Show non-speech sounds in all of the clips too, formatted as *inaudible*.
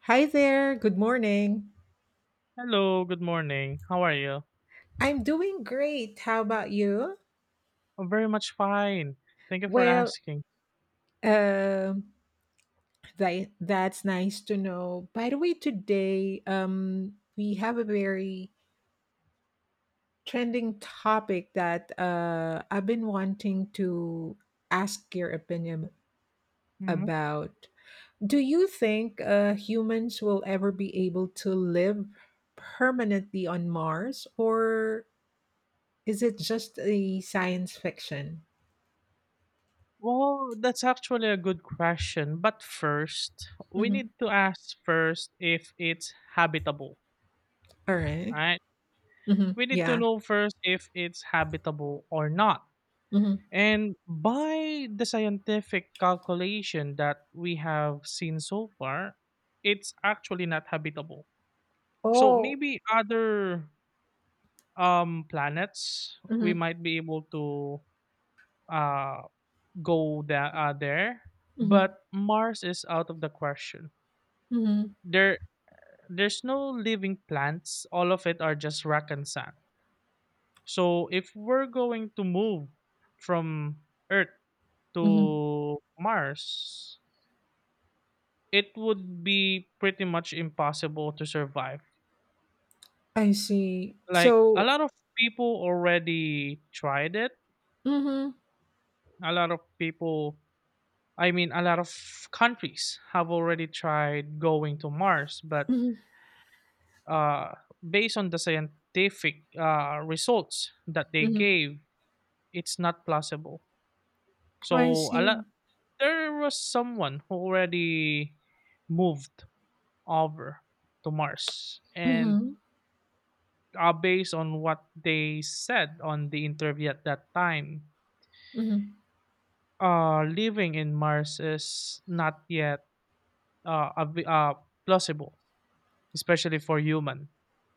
Hi there. Good morning. Hello, good morning. How are you? I'm doing great. How about you? I'm very much fine. Thank you for Well, asking. um, that's nice to know. By the way, today we have a very trending topic that I've been wanting to ask your opinion Hmm about. Do you think humans will ever be able to live permanently on Mars, or is it just a science fiction? Well, that's actually a good question. But first, we Mhm. need to ask first if it's habitable, All right. right? Mhm. We need to Yeah. know first if it's habitable or not. Mhm. And by the scientific calculation that we have seen so far, it's actually not habitable. So Oh. maybe other planets we Mhm. might be able to uh, go that there, Mhm. but Mars is out of the question. Mhm. There, there's no living plants. All of it are just rock and sand. So if we're going to move from Earth Mhm. to Mars, it would be pretty much impossible to survive. I see. Like a So lot of people already tried it. mhm. A lot of people, I mean, a lot of countries have already tried going to Mars, but Mhm. uh, based on the scientific results that they Mhm. gave, it's not plausible. I So a see. lot, there was someone who already moved over to Mars, and Mhm. Based on what they said on the interview at that time, Mhm. Living in Mars is not yet uh, av- uh, plausible, especially for human.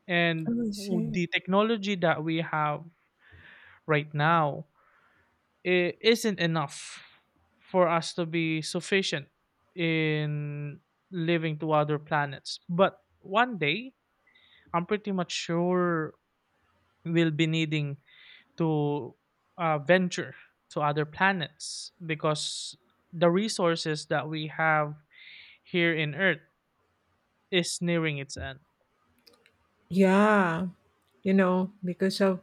And I see. the technology that we have right now it isn't enough for us to be sufficient in living to other planets. But one day, I'm pretty much sure we'll be needing to venture to other planets because the resources that we have here in Earth is nearing its end. Yeah. You know, because of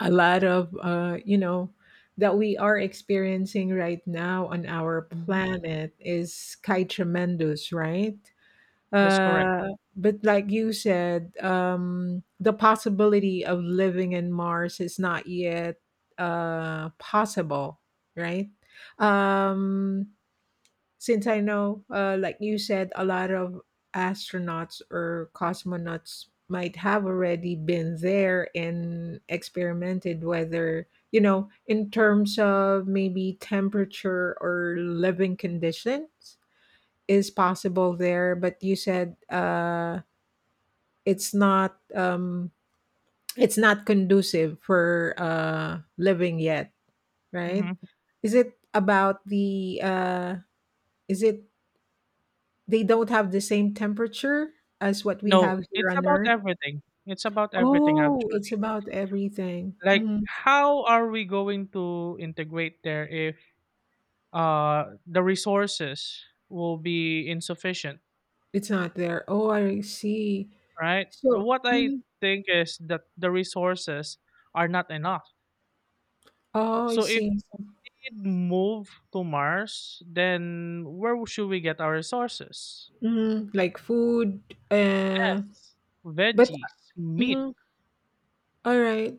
a lot of that we are experiencing right now on our Hmm planet is quite tremendous, right? That's correct. Uh, but like you said, the possibility of living in Mars is not yet possible, right? Um, since I know, like you said, a lot of astronauts or cosmonauts might have already been there and experimented whether you know in terms of maybe temperature or living conditions is possible there, but you said it's not um, it's not conducive for living yet, right? Hmm Is it about the is it they don't have the same temperature as what we No, have here it's on about Earth? everything. It's about everything Oh, it's actually. about everything. Like, Mhm. how are we going to integrate there if the resources will be insufficient, It's not there. Oh, I see. right? So, What I mhm. think is that the resources are not enough. Oh, I So if see. we move to Mars, then where should we get our resources? Mhm. Like food. Uh, Yes, but veggies, meat. mhm. All right.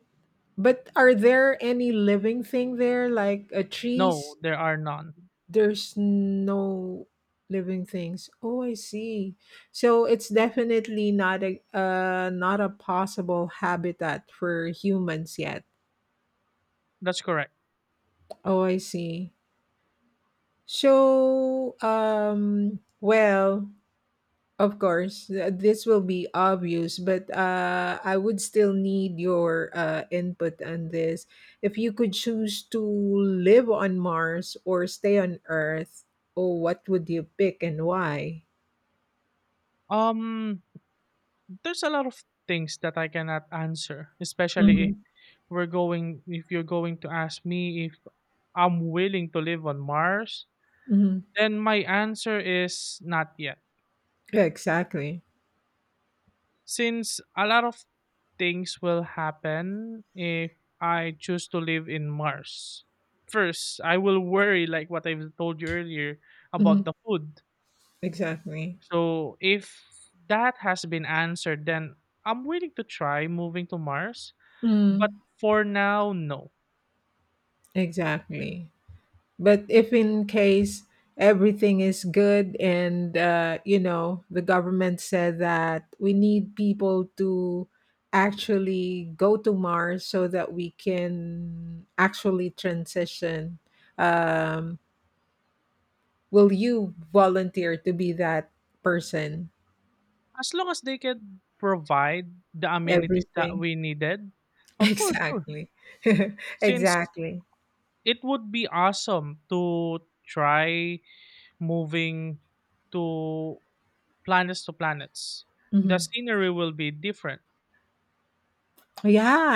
But are there any living thing there, like a No, trees? there are none. There's no living things. Oh, I see. So it's definitely not a not a possible habitat for humans yet. That's correct. Oh, I see. So, well, of course, this will be obvious, but I would still need your input on this. If you could choose to live on Mars or stay on Earth, oh, what would you pick and why? Um, there's a lot of things that I cannot answer, especially Hmm. if we're going. If you're going to ask me if I'm willing to live on Mars, Hmm. then my answer is not yet. Yeah, exactly. Since a lot of things will happen if I choose to live in Mars. First, I will worry, like what I've told you earlier, Hmm. about the food. Exactly. So, if that has been answered, then I'm willing to try moving to Mars. But Mm. for now, no. Exactly. But if in case everything is good and you know the government said that we need people to actually go to Mars so that we can actually transition, um, will you volunteer to be that person? As long as they can provide the amenities that Everything, we needed, *laughs* of course, sure. exactly, *laughs* Since exactly. it would be awesome to try moving to planets to planets. The Mhm. scenery will be different.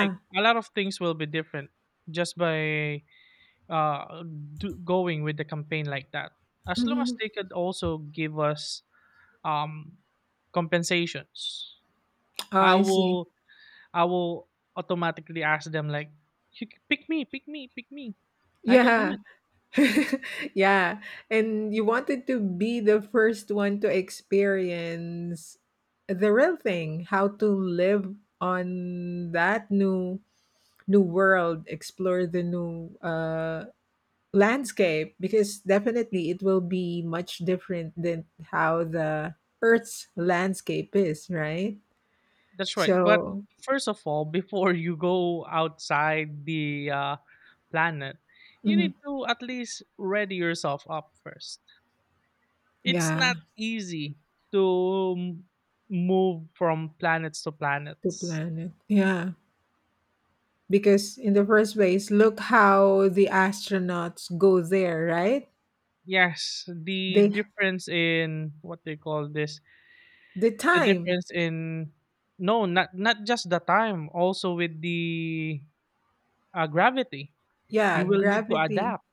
Like a lot of things will be different just by uh going with the campaign like that. As long as Mhm. they could also give us um compensations, Oh, I I see. will I will automatically ask them like, "You pick me, pick me, pick me. I can do Yeah. it." *laughs* Yeah, and you wanted to be the first one to experience the real thing, how to live on that new world, explore the new landscape because definitely it will be much different than how the earth's landscape is, right? That's right. But So, first of all, before you go outside the planet, you mhm, need to at least ready yourself up first. It's yeah, not easy to m- move from planets to two planets. planet. Yeah. Because in the first place, look how the astronauts go there, right? Yes, the They difference in what they call this, the the time. difference in no, not just the time, also with the gravity. Yeah, You will need to gravity. adapt.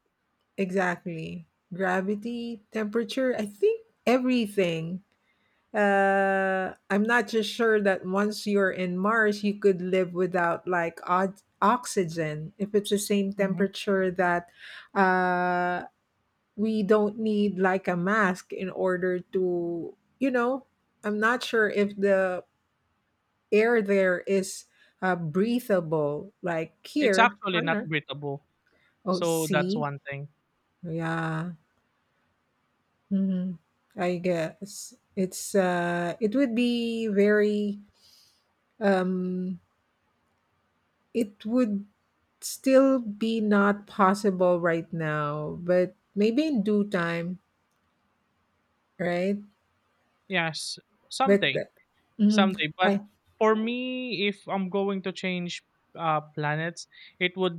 Exactly. Gravity, temperature, I think everything. Uh, I'm not just sure that once you're in Mars you could live without like odd oxygen if it's the same Mhm. temperature that uh we don't need like a mask in order to you know I'm not sure if the air there is breathable. Like It's here actually on not Earth. breathable. Oh, So that's see? one thing. Yeah. Mhm. I guess it's it would be very um it would still be not possible right now, but maybe in due time, right? Yes, But someday, mhm. someday. I But for me, if I'm going to change planets, it would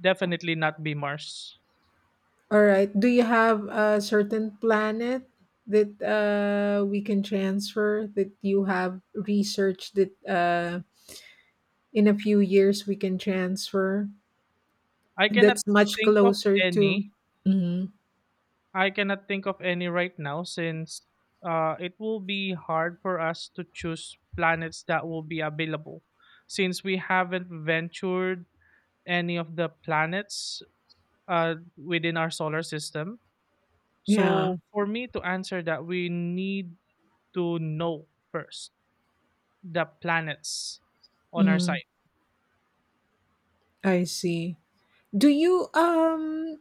definitely not be Mars. All right. Do you have a certain planet that we can transfer that you have researched that in a few years we can transfer? I cannot That's much think of closer to. any. Mhm. I cannot think of any right now since it will be hard for us to choose planets that will be available since we haven't ventured any of the planets within our solar system. Yeah. So for me to answer that, we need to know first the planets on our Mhm. side? I see. Do you um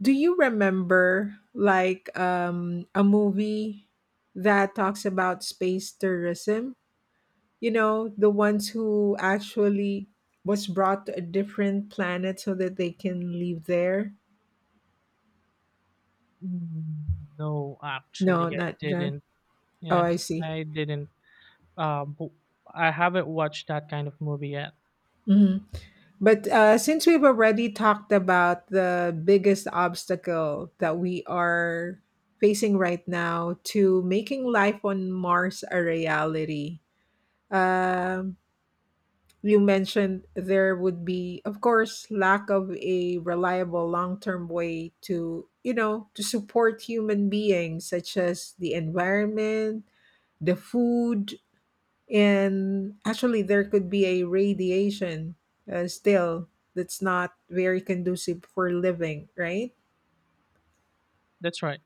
do you remember like a movie that talks about space tourism? You know the ones who actually was brought to a different planet so that they can live there Mm, no, no actually, I not John. didn't. Oh, Yeah, I see. I didn't. Uh, bo- I haven't watched that kind of movie yet. Mhm. But since we've already talked about the biggest obstacle that we are facing right now to making life on mars a reality um you mentioned there would be of course lack of a reliable long-term way to you know to support human beings such as the environment the food and actually there could be a radiation still that's not very conducive for living right That's right.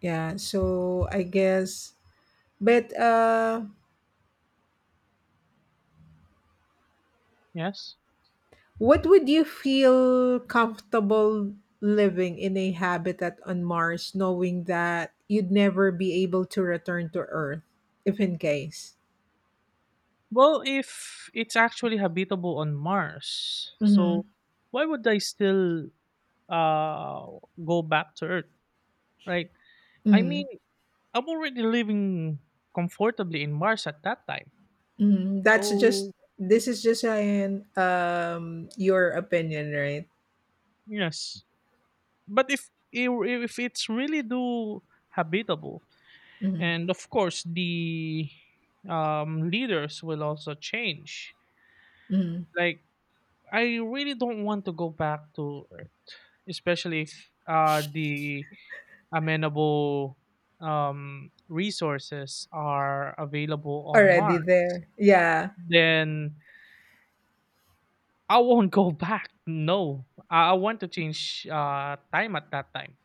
yeah so I guess but Yes. what would you feel comfortable living in a habitat on Mars, knowing that you'd never be able to return to Earth, if in case? Well, if it's actually habitable on Mars, Hmm. so why would I still uh go back to Earth? Right. I Hmm. mean, I'm already living comfortably in Mars at that time. Hmm. That's just So this is just an your opinion, right? yes, but if if it's really do habitable Hmm. and of course the leaders will also change Hmm. like I really don't want to go back to Earth, especially if the amenable resources are available on Already Mars, there, yeah. then I won't *laughs* go back. No, I want to change time at that time.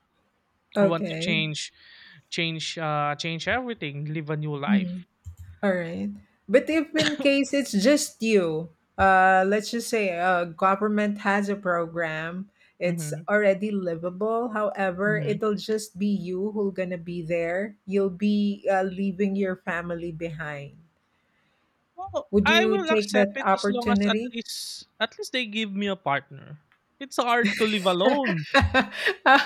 I want to Okay. change change everything, live a new Mm-hmm. life. All right. But if in case it's just you, let's just say government has a program, it's Mhm. already livable. However, Mhm. it'll just be you who'll gonna be there. You'll be leaving your family behind. Well, Would I you will take that accept it as long as at opportunity? least at least they give me a partner. It's hard to live alone. *laughs*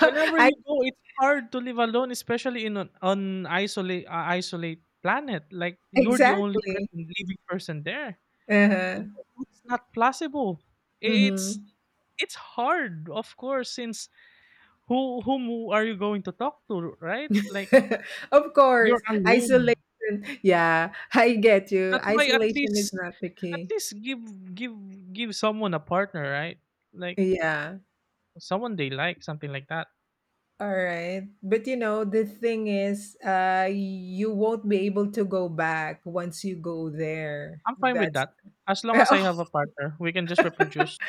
Whenever you go, it's hard to live alone, especially in an isolate planet. Like you're the only Exactly. person living person there. Uh-huh. It- It's not plausible. I- It's Hmm. it's hard, of course, since whom are you going to talk to, right? Like *laughs* Of you're course, isolation. alone. Yeah, I get you. That's why Isolation is not the at key. least give give someone a partner, right? Like Yeah. someone they like, something like that. All right. But you know, the thing is, you won't be able to go back once you go there. I'm fine with That's that. As long as I have *laughs* a partner, we can just reproduce.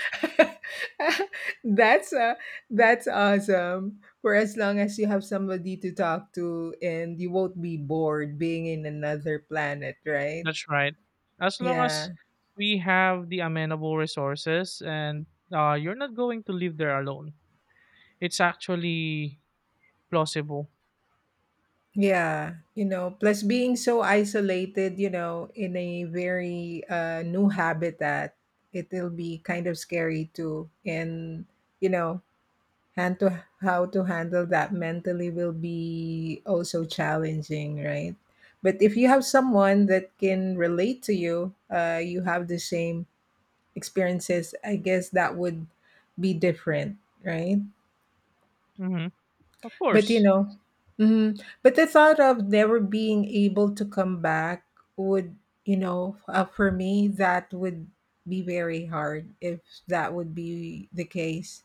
that's uh, that's awesome. For as long as you have somebody to talk to and you won't be bored being in another planet, right? That's right. As long as Yeah. we have the amenable resources and you're not going to live there alone. It's actually plausible. Yeah, you know, plus being so isolated, you know, in a very new habitat, it'll be kind of scary too. And, you know, hand to how to handle that mentally will be also challenging, right? But if you have someone that can relate to you, you have the same experiences, I guess that would be different, right? Hmm Of But you course. know, mhm, but the thought of never being able to come back would, you know, for me, that would be very hard if that would be the case.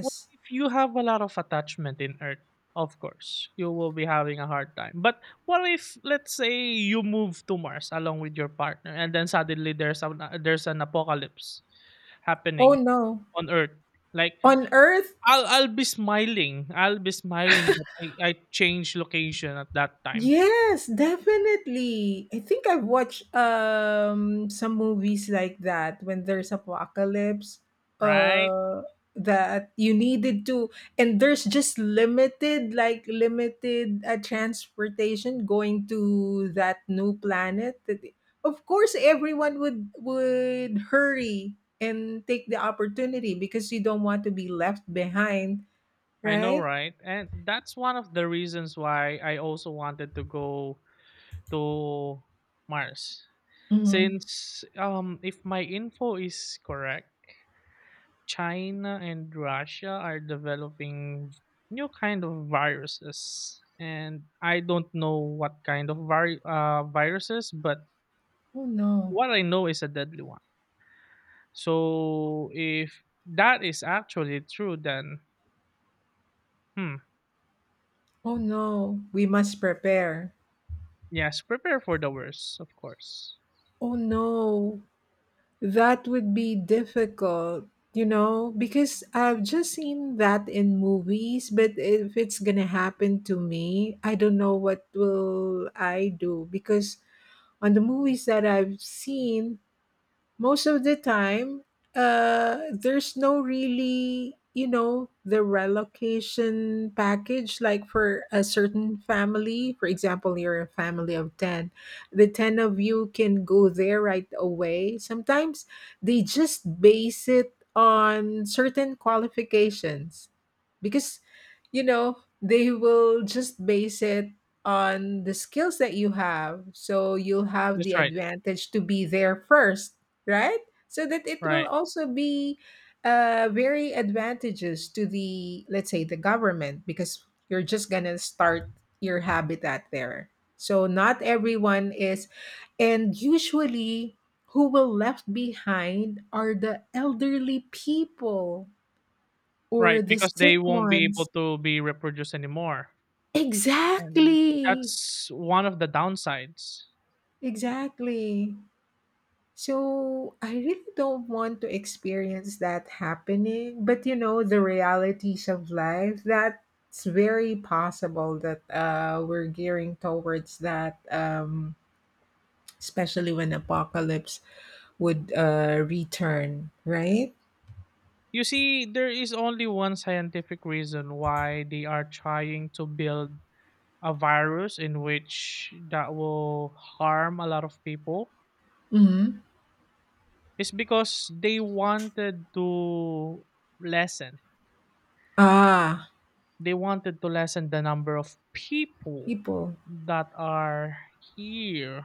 Well, if you have a lot of attachment in Earth, of course, you will be having a hard time. But what if, let's say, you move to Mars along with your partner, and then suddenly there's a there's an apocalypse oh happening no, on Earth? Like on Earth, I'll be smiling. I'll be smiling that I changed location at that time, yes, definitely. I think I've watched some movies like that when there's apocalypse right? uh that you needed to and there's just limited like limited transportation going to that new planet. Of course everyone would hurry and take the opportunity because you don't want to be left behind, I know, right? right? And that's one of the reasons why I also wanted to go to Mars. Mhm. Since if my info is correct, China and Russia are developing new kind of viruses and I don't know what kind of viruses, but Oh no. what I know is a deadly one. So if that is actually true, then hmm Oh no, we must prepare. yes, prepare for the worst, of course. Oh no, that would be difficult, you know, because I've just seen that in movies, but if it's gonna happen to me, I don't know what will I do because on the movies that I've seen, most of the time there's no really you know the relocation package like for a certain family for example you're a family of 10 the 10 of you can go there right away sometimes they just base it on certain qualifications because you know they will just base it on the skills that you have so you'll have the That's right. advantage to be there first right? So that it will Right. also be very advantageous to the, let's say, the government because you're just gonna start your habitat there. So not everyone is, and usually who will left behind are the elderly people Right, or the because they sick won't be ones. able to be reproduced anymore. And Exactly. that's one of the downsides. Exactly. So I really don't want to experience that happening. But you know, the realities of life, that's very possible that we're gearing towards that, especially when apocalypse would return, right? You see, there is only one scientific reason why they are trying to build a virus in which that will harm a lot of people. Hmm. It's because they wanted to lessen. Ah, They wanted to lessen the number of people people that are here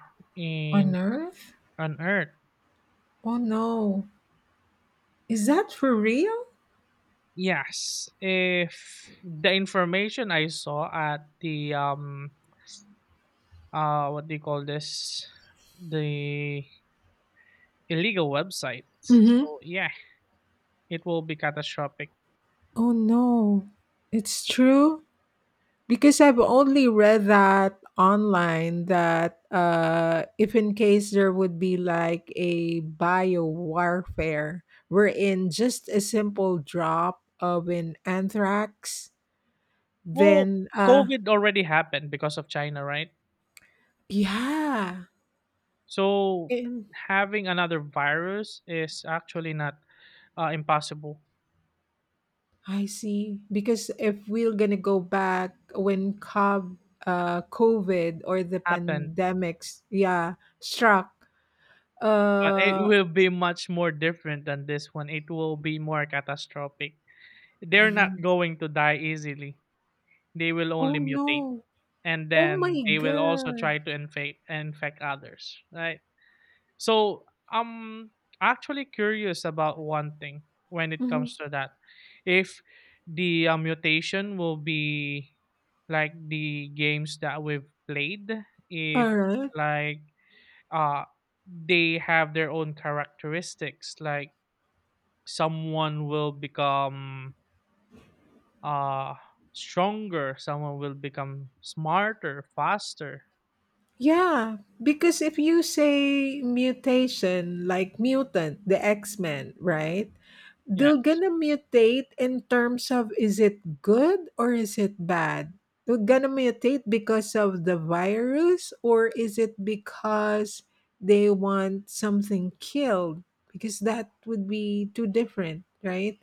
on in Earth? on Earth. Oh no. Is that for real? Yes, if the information I saw at the what do you call this the illegal website. Hmm. So yeah, it will be catastrophic. Oh no. It's true? Because I've only read that online that if in case there would be like a bio warfare wherein just a simple drop of an anthrax, Well, then COVID already happened because of China, right? yeah, So and having another virus is actually not impossible. I see. Because if we're gonna go back when COVID, COVID or the Happen, pandemics, yeah, struck, but it uh, will be much more different than this one. It will be more catastrophic. They're not *clears throat* going to die easily. They will oh only no, mutate, and oh my then they will also God. try to infect others, right? So I'm actually curious about one thing when it Mhm. comes to that. If the mutation will be like the games that we've played, if Alright. like uh they have their own characteristics, like someone will become uh stronger, someone will become smarter, faster. Yeah, because if you say mutation, like mutant, the X-Men, right? They're Yes. gonna mutate in terms of is it good or is it bad? They're gonna mutate because of the virus or is it because they want something killed? Because that would be too different, right?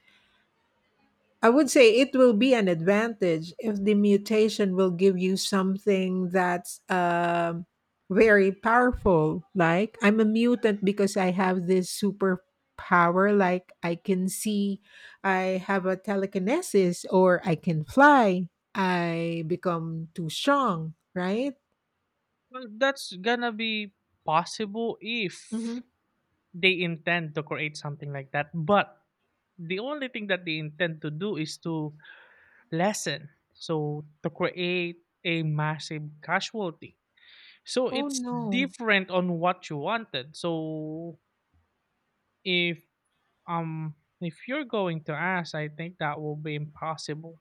I would say it will be an advantage if the mutation will give you something that's very powerful. Like, I'm a mutant because I have this superpower. Like, I can see, I have a telekinesis, or I can fly. I become too strong, right? Well, that's gonna be possible if Hmm. they intend to create something like that, but the only thing that they intend to do is to lessen, so to create a massive casualty, so Oh it's no. different on what you wanted. So if um if you're going to ask, I think that will be impossible.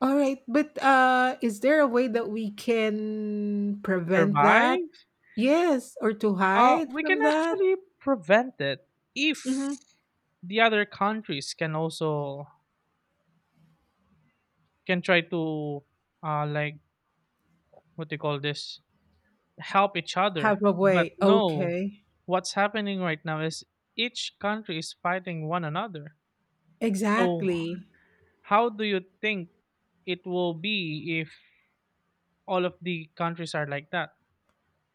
All right, but is there a way that we can prevent that? Survive, Yes, or to hide we can from that? actually prevent it if Hmm. the other countries can also can try to uh like what do you call this help each other. Have a But way. no, Okay. what's happening right now is each country is fighting one another. So, Exactly. how do you think it will be if all of the countries are like that?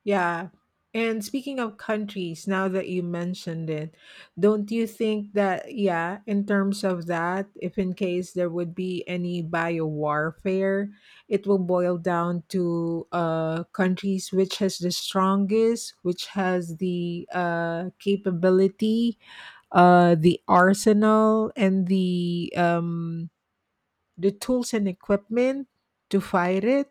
Yeah. And speaking of countries, now that you mentioned it, don't you think that, yeah, in terms of that, if in case there would be any biowarfare, it will boil down to countries which has the strongest, which has the capability, the arsenal, and the tools and equipment to fight it.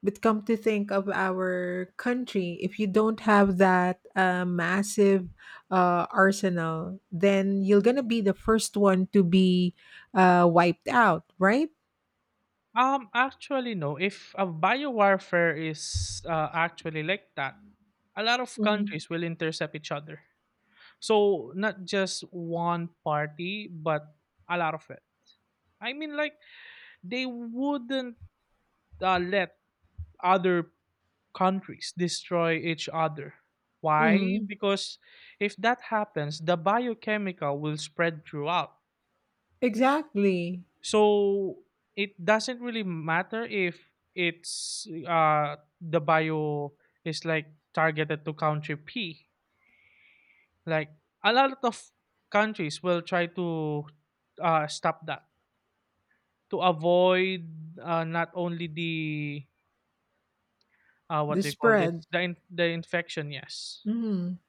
But come to think of our country, if you don't have that massive arsenal, then you're gonna be the first one to be wiped out, right? Actually, no. If a biowarfare is actually like that, a lot of countries will intercept each other. So, not just one party, but a lot of it. I mean, like, they wouldn't let other countries destroy each other. Why? Mm-hmm. Because if that happens, the biochemical will spread throughout. Exactly. So it doesn't really matter if it's the bio is like targeted to country P. Like a lot of countries will try to stop that to avoid not only the what The they call spread. this the the infection, yes, Hmm.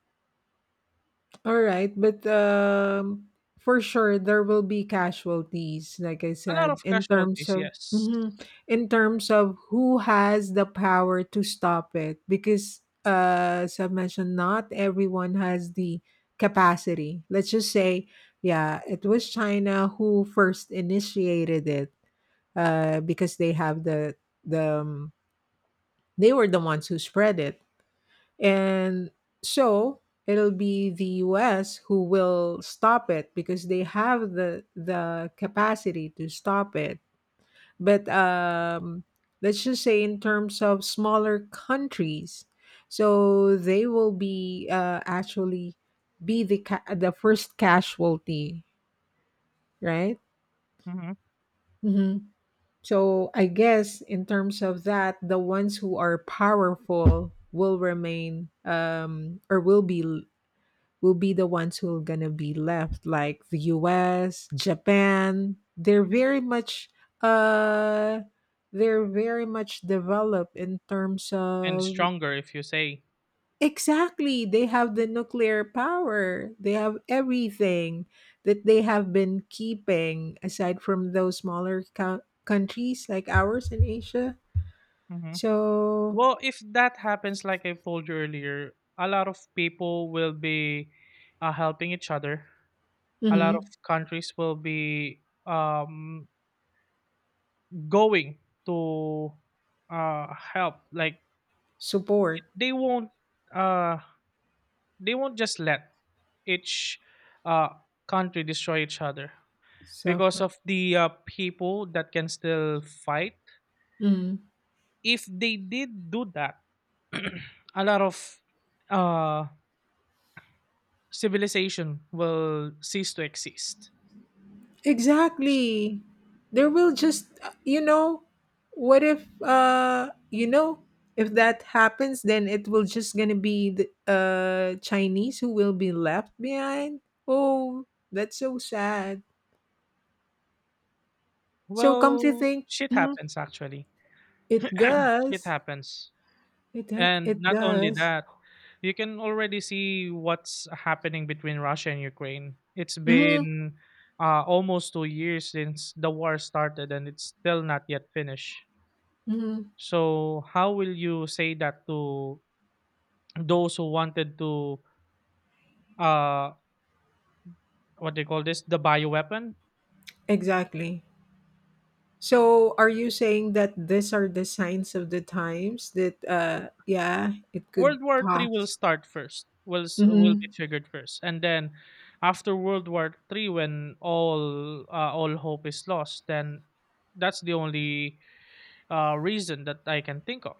All right, but for sure there will be casualties, like I a lot of said, in terms casualties, of yes. mhm. In terms of who has the power to stop it, because as I mentioned, not everyone has the capacity. Let's just say, yeah, it was China who first initiated it, because they have the the um, they were the ones who spread it and so it'll be the US who will stop it because they have the capacity to stop it. But Let's just say in terms of smaller countries, so they will be actually be the first casualty, right? Mhm, Hmm. So I guess in terms of that, the ones who are powerful will remain or will be the ones who are going to be left, like the US, Japan. Uh they're very much developed in terms and of stronger if you say. exactly they have the nuclear power they have everything that they have been keeping aside from those countries like ours in asia Mhm. so, Well, if that happens, like I told you earlier, a lot of people will be helping each other. A lot of mhm, countries will be going to help. Like it, support uh, they won't just let each uh, country destroy each other because suffer. of the people that can still fight. Mm-hmm. If they did do that *clears throat* a lot of uh civilization will cease to exist. Exactly. There will just, you know, what if, if that happens, then it will just gonna be the Chinese who will be left behind. Oh, that's so sad. So come to Well, think, shit mhm, happens actually. it *clears throat* Shit does. happens. And It not only does. that, you can already see what's happening between Russia and Ukraine. It's Hmm. been almost 2 years since the war started and it's still not yet finished. Hmm. So, how will you say that to those who wanted to, uh, what they call this, the bioweapon? Exactly. So are you saying that these are the signs of the times that, yeah, it could World War Three will pass? start first. Will be Mm-hmm. triggered first, and then after World War Three, when all hope is lost, then that's the only reason that I can think of.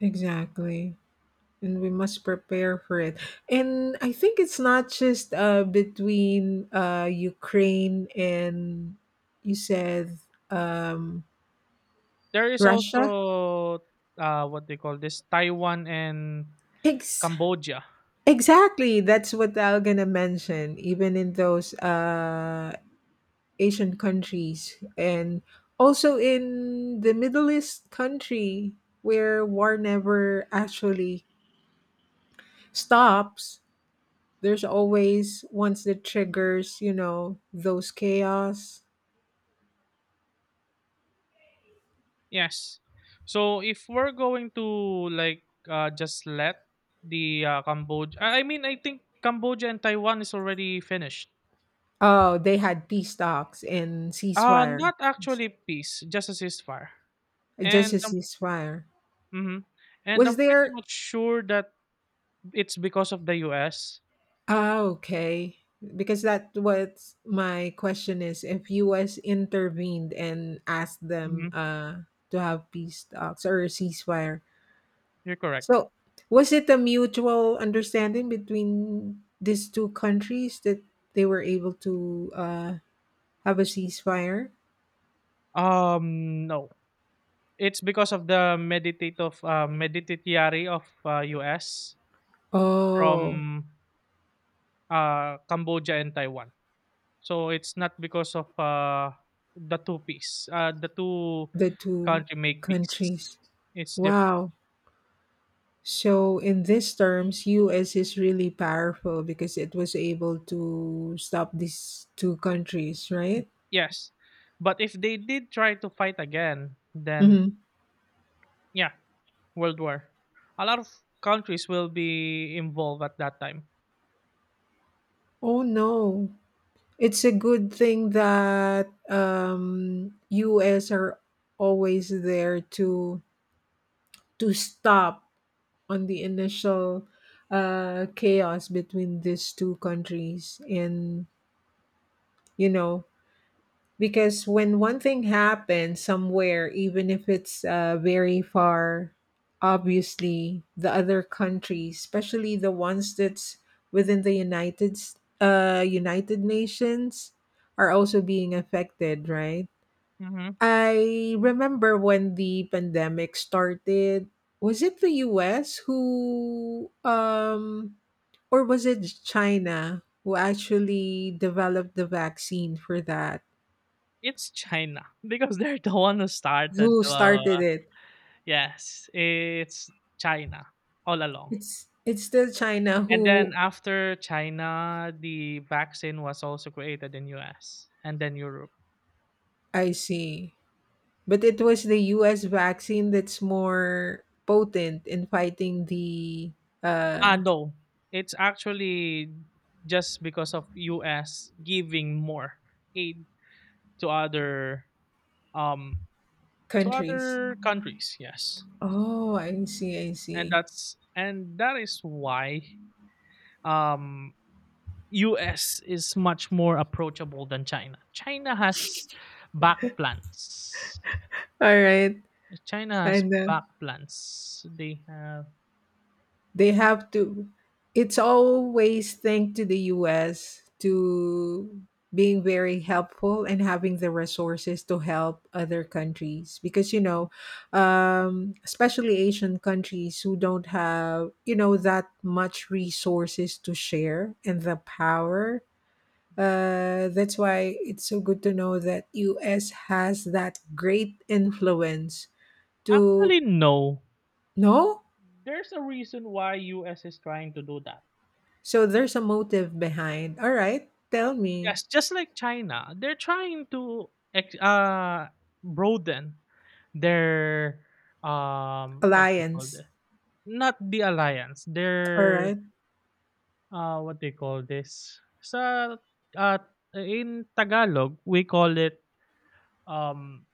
Exactly. And we must prepare for it. And I think it's not just between Ukraine and you said um, There is Russia. also what they call this, Taiwan and Ex- Cambodia. exactly. That's what I'm going to mention, even in those Asian countries and also in the Middle East country where war never actually stops. There's always ones that triggers, you know, those chaos. Yes. So if we're going to like just let the Cambodia, I mean, I think Cambodia and Taiwan is already finished. Oh, they had peace talks and ceasefire. Not actually peace, just a ceasefire. Just And a ceasefire. mhm, and Was I'm pretty there? much sure that it's because of the US. Ah, okay. Because that what my question is, if us intervened and asked them Hmm. To have peace talks or a ceasefire. You're correct. So was it a mutual understanding between these two countries that they were able to have a ceasefire? No, it's because of the meditate of meditatiary of US Oh, from Cambodia and Taiwan. So it's not because of the two peace. The two the two country make peace. countries. It's different. Wow. So in these terms, US is really powerful because it was able to stop these two countries, right? Yes, but if they did try to fight again, then Hmm. yeah, World War. A lot of countries will be involved at that time. Oh no. It's a good thing that US are always there to stop on the initial chaos between these two countries, and you know. Because when one thing happens somewhere, even if it's very far, obviously the other countries, especially the ones that's within the United Nations, are also being affected, right? Mhm. I remember when the pandemic started. Was it the U.S. who, or was it China who actually developed the vaccine for that? It's China *laughs* because they're the one who started Who the started it? yes, it's China all along. It's still China And then who. after China, the vaccine was also created in US and then Europe. I see. But it was the US vaccine that's more potent in fighting the Ah, uh no. It's actually just because of US giving more aid to other um to countries. other countries. Yes. Oh, I see, I and see. that's and that is why um US is much more approachable than China. China has back plans. All right. I know. They have They have to. It's always thank to the US to being very helpful and having the resources to help other countries because you mhm, know especially asian countries who don't have you know that much resources to share and the power. That's why it's so good to know that us has that great influence to. actually no. No. There's a reason why US is trying to do that. So there's a motive behind. All right, tell me. Yes, just like China, they're trying to broaden their what do you call Alliance. this? Not the alliance. All Their right. What do you call this? Sa uh, in Tagalog, we call it um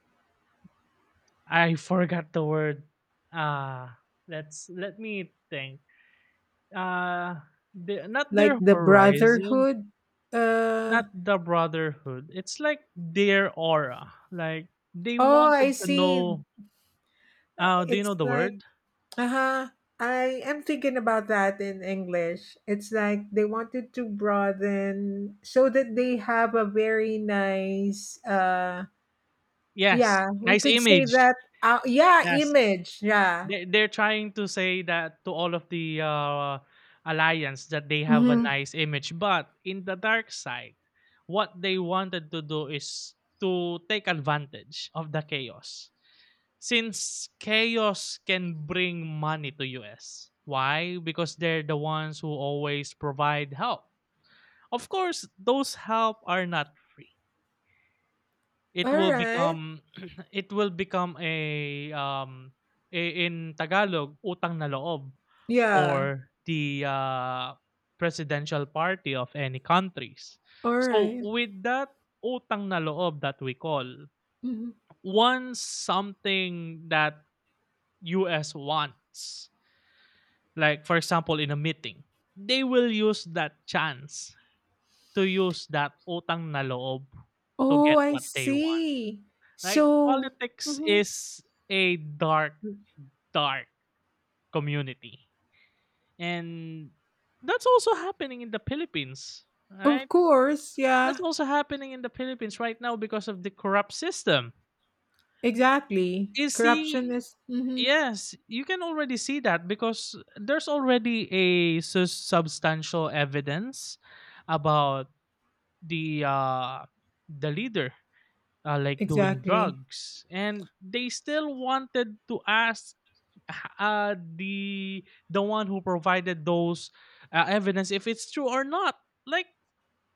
I *laughs* forgot the word. Uh let's let me think. Uh the, not Like their the horizon, brotherhood. Uh, not the brotherhood. It's like their aura. Like they oh, I wanted to see. know, do you know It's the like, word? uh-huh. I am thinking about that in English. It's like they wanted to broaden so that they have a very nice uh, Yes. yeah, we Nice could say image. that, yeah, Yes. image. Yeah. They're trying to say that to all of the alliance that they have a Mhm. nice image, but in the dark side, what they wanted to do is to take advantage of the chaos. Since chaos can bring money to US. Why? Because they're the ones who always provide help. Of course, those help are not free. All It will right. become *clears throat* it will become a in Tagalog, utang na loob Yeah. for the, presidential party of any countries. All So, right. with that utang na loob that we call, Mhm. once something that US wants, like for example in a meeting, they will use that chance to use that utang na loob to Oh, get I what they want. see. Right? So, Politics mhm. is a dark, dark community. And that's also happening in the Philippines, Of right? course, That's yeah, also happening in the Philippines right now because of the corrupt system. exactly. You Corruption see, is mhm, yes, you can already see that because there's already a substantial evidence about the uh, the leader like doing exactly. drugs and they still wanted to ask the the one who provided those evidence if it's true or not. Like,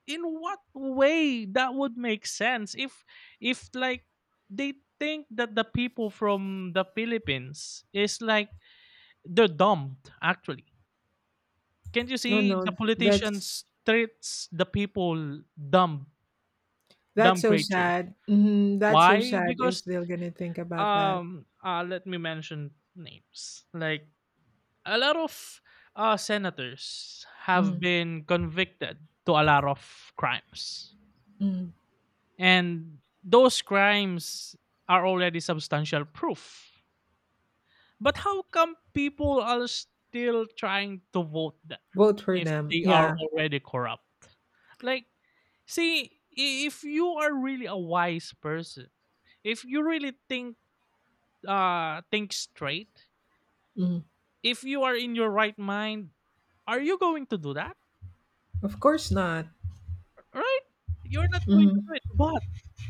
in what way that would make sense if like they think that the people from the Philippines is like they're dumb? Actually, can't you Oh see the no, politicians treats the people dumb, that's dumb so creatures? sad. Hmm. That's so Why? sad Because, if they're gonna think about that. Let me mention names, like a lot of senators have Mm. been convicted to a lot of crimes, Mm. and those crimes are already substantial proof. But how come people are still trying to vote them Vote for if them, they are yeah. already corrupt? Like, see, if you are really a wise person, if you really think straight, Mm. if you are in your right mind, are you going to do that? Of course not. Right? You're not going Hmm. to do it. But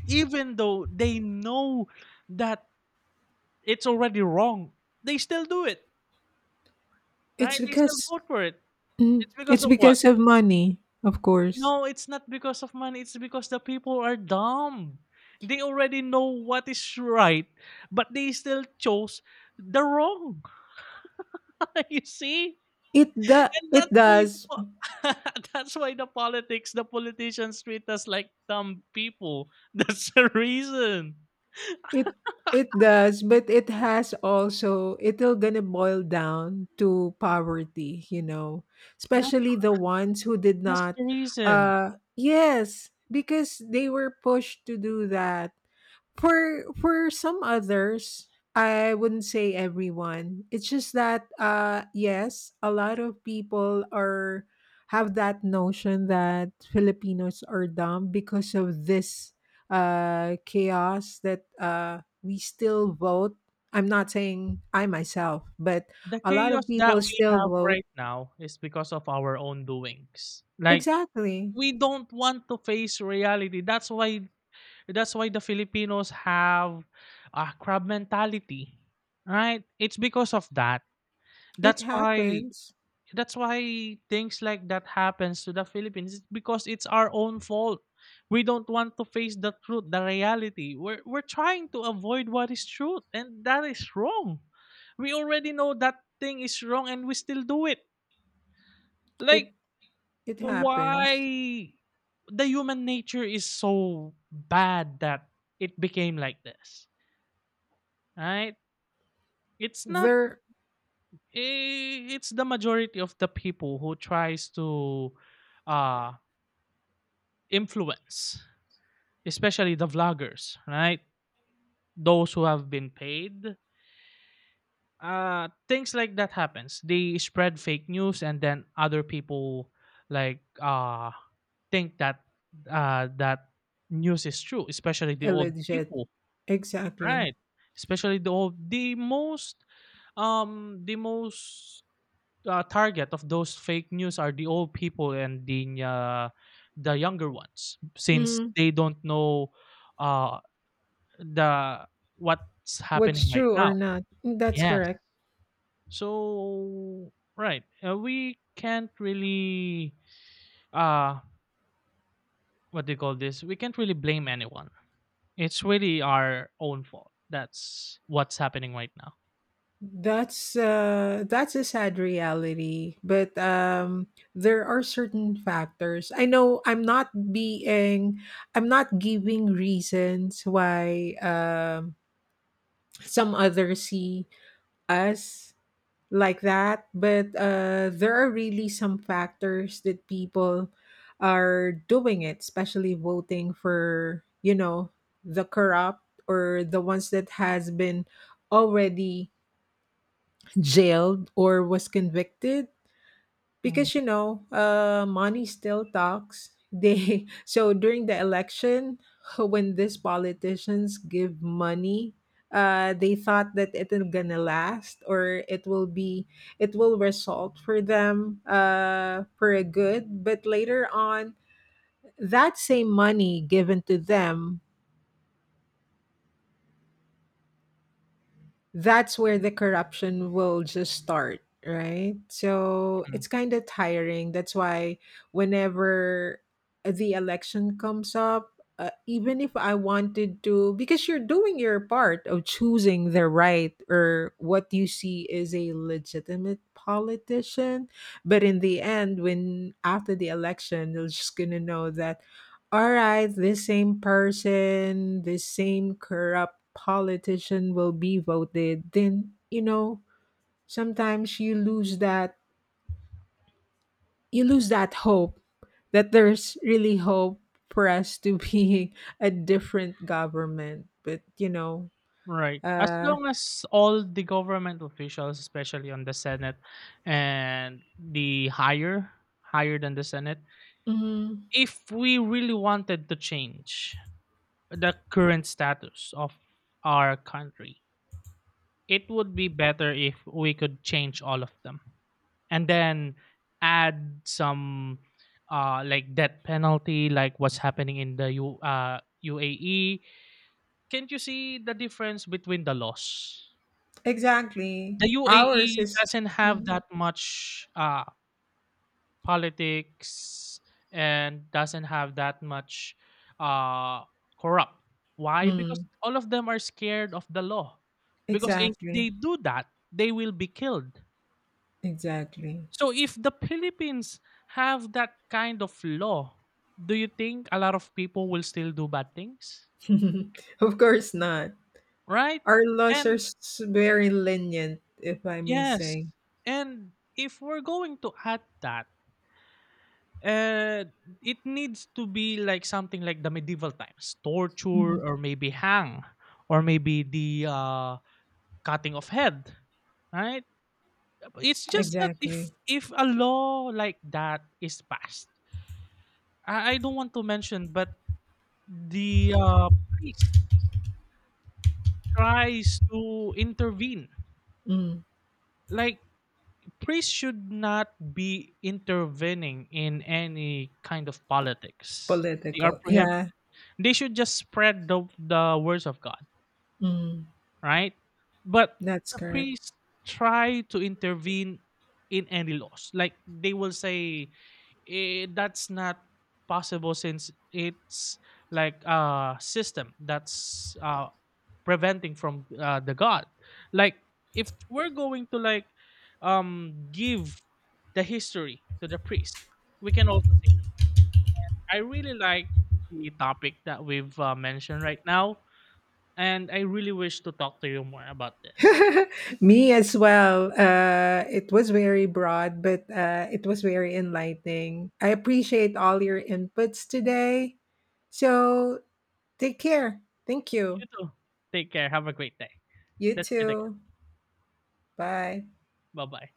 even though they know that it's already wrong, they still do it. It's Right? They still because vote for it. mm, It's because it's of what? because of money, of course. No, it's not because of money. It's because the people are dumb. They already know what is right, but they still chose the wrong. *laughs* You see? And that's It why the does. *laughs* That's why the politics, the politicians treat us like dumb people. *laughs* That's the reason. It it does, but it has also it'll gonna boil down to poverty, you know, That. especially the ones who did That's not. the reason. Yes, because they were pushed to do that. For some others, I wouldn't say everyone. It's just that yes, a lot of people are have that notion that Filipinos are dumb because of this chaos that we still vote. I'm not saying I myself, but The a lot of chaos that people we still have vote. right now is because of our own doings. Like, Exactly. we don't want to face reality. That's why, that's why the Filipinos have a crab mentality. Right? It's because of that. It That's why, happens. that's why things like that happens to the Philippines. It's because it's our own fault. We don't want to face the truth, the reality. We're trying to avoid what is truth, and that is wrong. We already know that thing is wrong, and we still do it. It Like, it happens. why the human nature is so bad that it became like this, right? It's not. They're It's the majority of the people who tries to uh influence, especially the vloggers, right? Those who have been paid. Things like that happens. They spread fake news, and then other people like think that uh that news is true, especially the old illegit. people, Exactly. right? Especially the old, the most target of those fake news are the old people and the younger ones, since Mm, they don't know uh the what's happening what's right true or now. not. That's Yes. correct. So right, we can't really uh what do you call this? We can't really blame anyone. It's really our own fault. That's what's happening right now. That's a sad reality, but there are certain factors. I know I'm not being I'm not giving reasons why some others see us like that, but there are really some factors that people are doing it, especially voting for, you know, the corrupt or the ones that has been already jailed or was convicted Mhm. because you know money still talks they *laughs* so during the election *laughs* when these politicians give money they thought that it is gonna last or it will be it will result for them for a good, but later on that same money given to them, that's where the corruption will just start, right? So it's kind of tiring. That's why whenever the election comes up, even if I wanted to, because you're doing your part of choosing the right or what you see is a legitimate politician. But in the end, when after the election, you're just going to know that all right, the same person, the same corrupt politician will be voted. Then, you know, sometimes you lose that hope that there's really hope for us to be *laughs* a different government. But, you know, Right. As uh long as all the government officials, especially on the Senate and the higher, higher than the Senate, mhm, if we really wanted to change the current status of our country. It would be better if we could change all of them and then add some like death penalty, like what's happening in the U UAE. Can't you see the difference between the laws? exactly. The Ours UAE is doesn't have mhm, that much politics and doesn't have that much uh corrupt. Why? Because mm, all of them are scared of the law. Because if exactly. they do that they will be killed. Exactly. So if the Philippines have that kind of law, do you think a lot of people will still do bad things? *laughs* Of course not. Right? Our laws are And very lenient, if I may yes, say. and if we're going to add that, Uh, it needs to be like something like the medieval times, Mhm. torture or maybe hang or maybe the cutting of head, right? It's just that if Exactly. if a law like that is passed, I don't want to mention, but the priest tries to intervene. Mm, Like priests should not be intervening in any kind of politics. They are political. prohibited. Yeah. They should just spread the words of God, Mm, right? But that's the correct. priests try to intervene in any laws. Like they will say, eh, that's not possible since it's like a system that's preventing from the God. Like if we're going to like give the history to the priest, we can also say the same. I really like the topic that we've mentioned right now and I really wish to talk to you more about this. *laughs* Me as well. It was very broad, but it was very enlightening. I appreciate all your inputs today. So take care. Thank You you. too. Take care. Have a great day. You Let's meet again. too. Bye. Bye bye.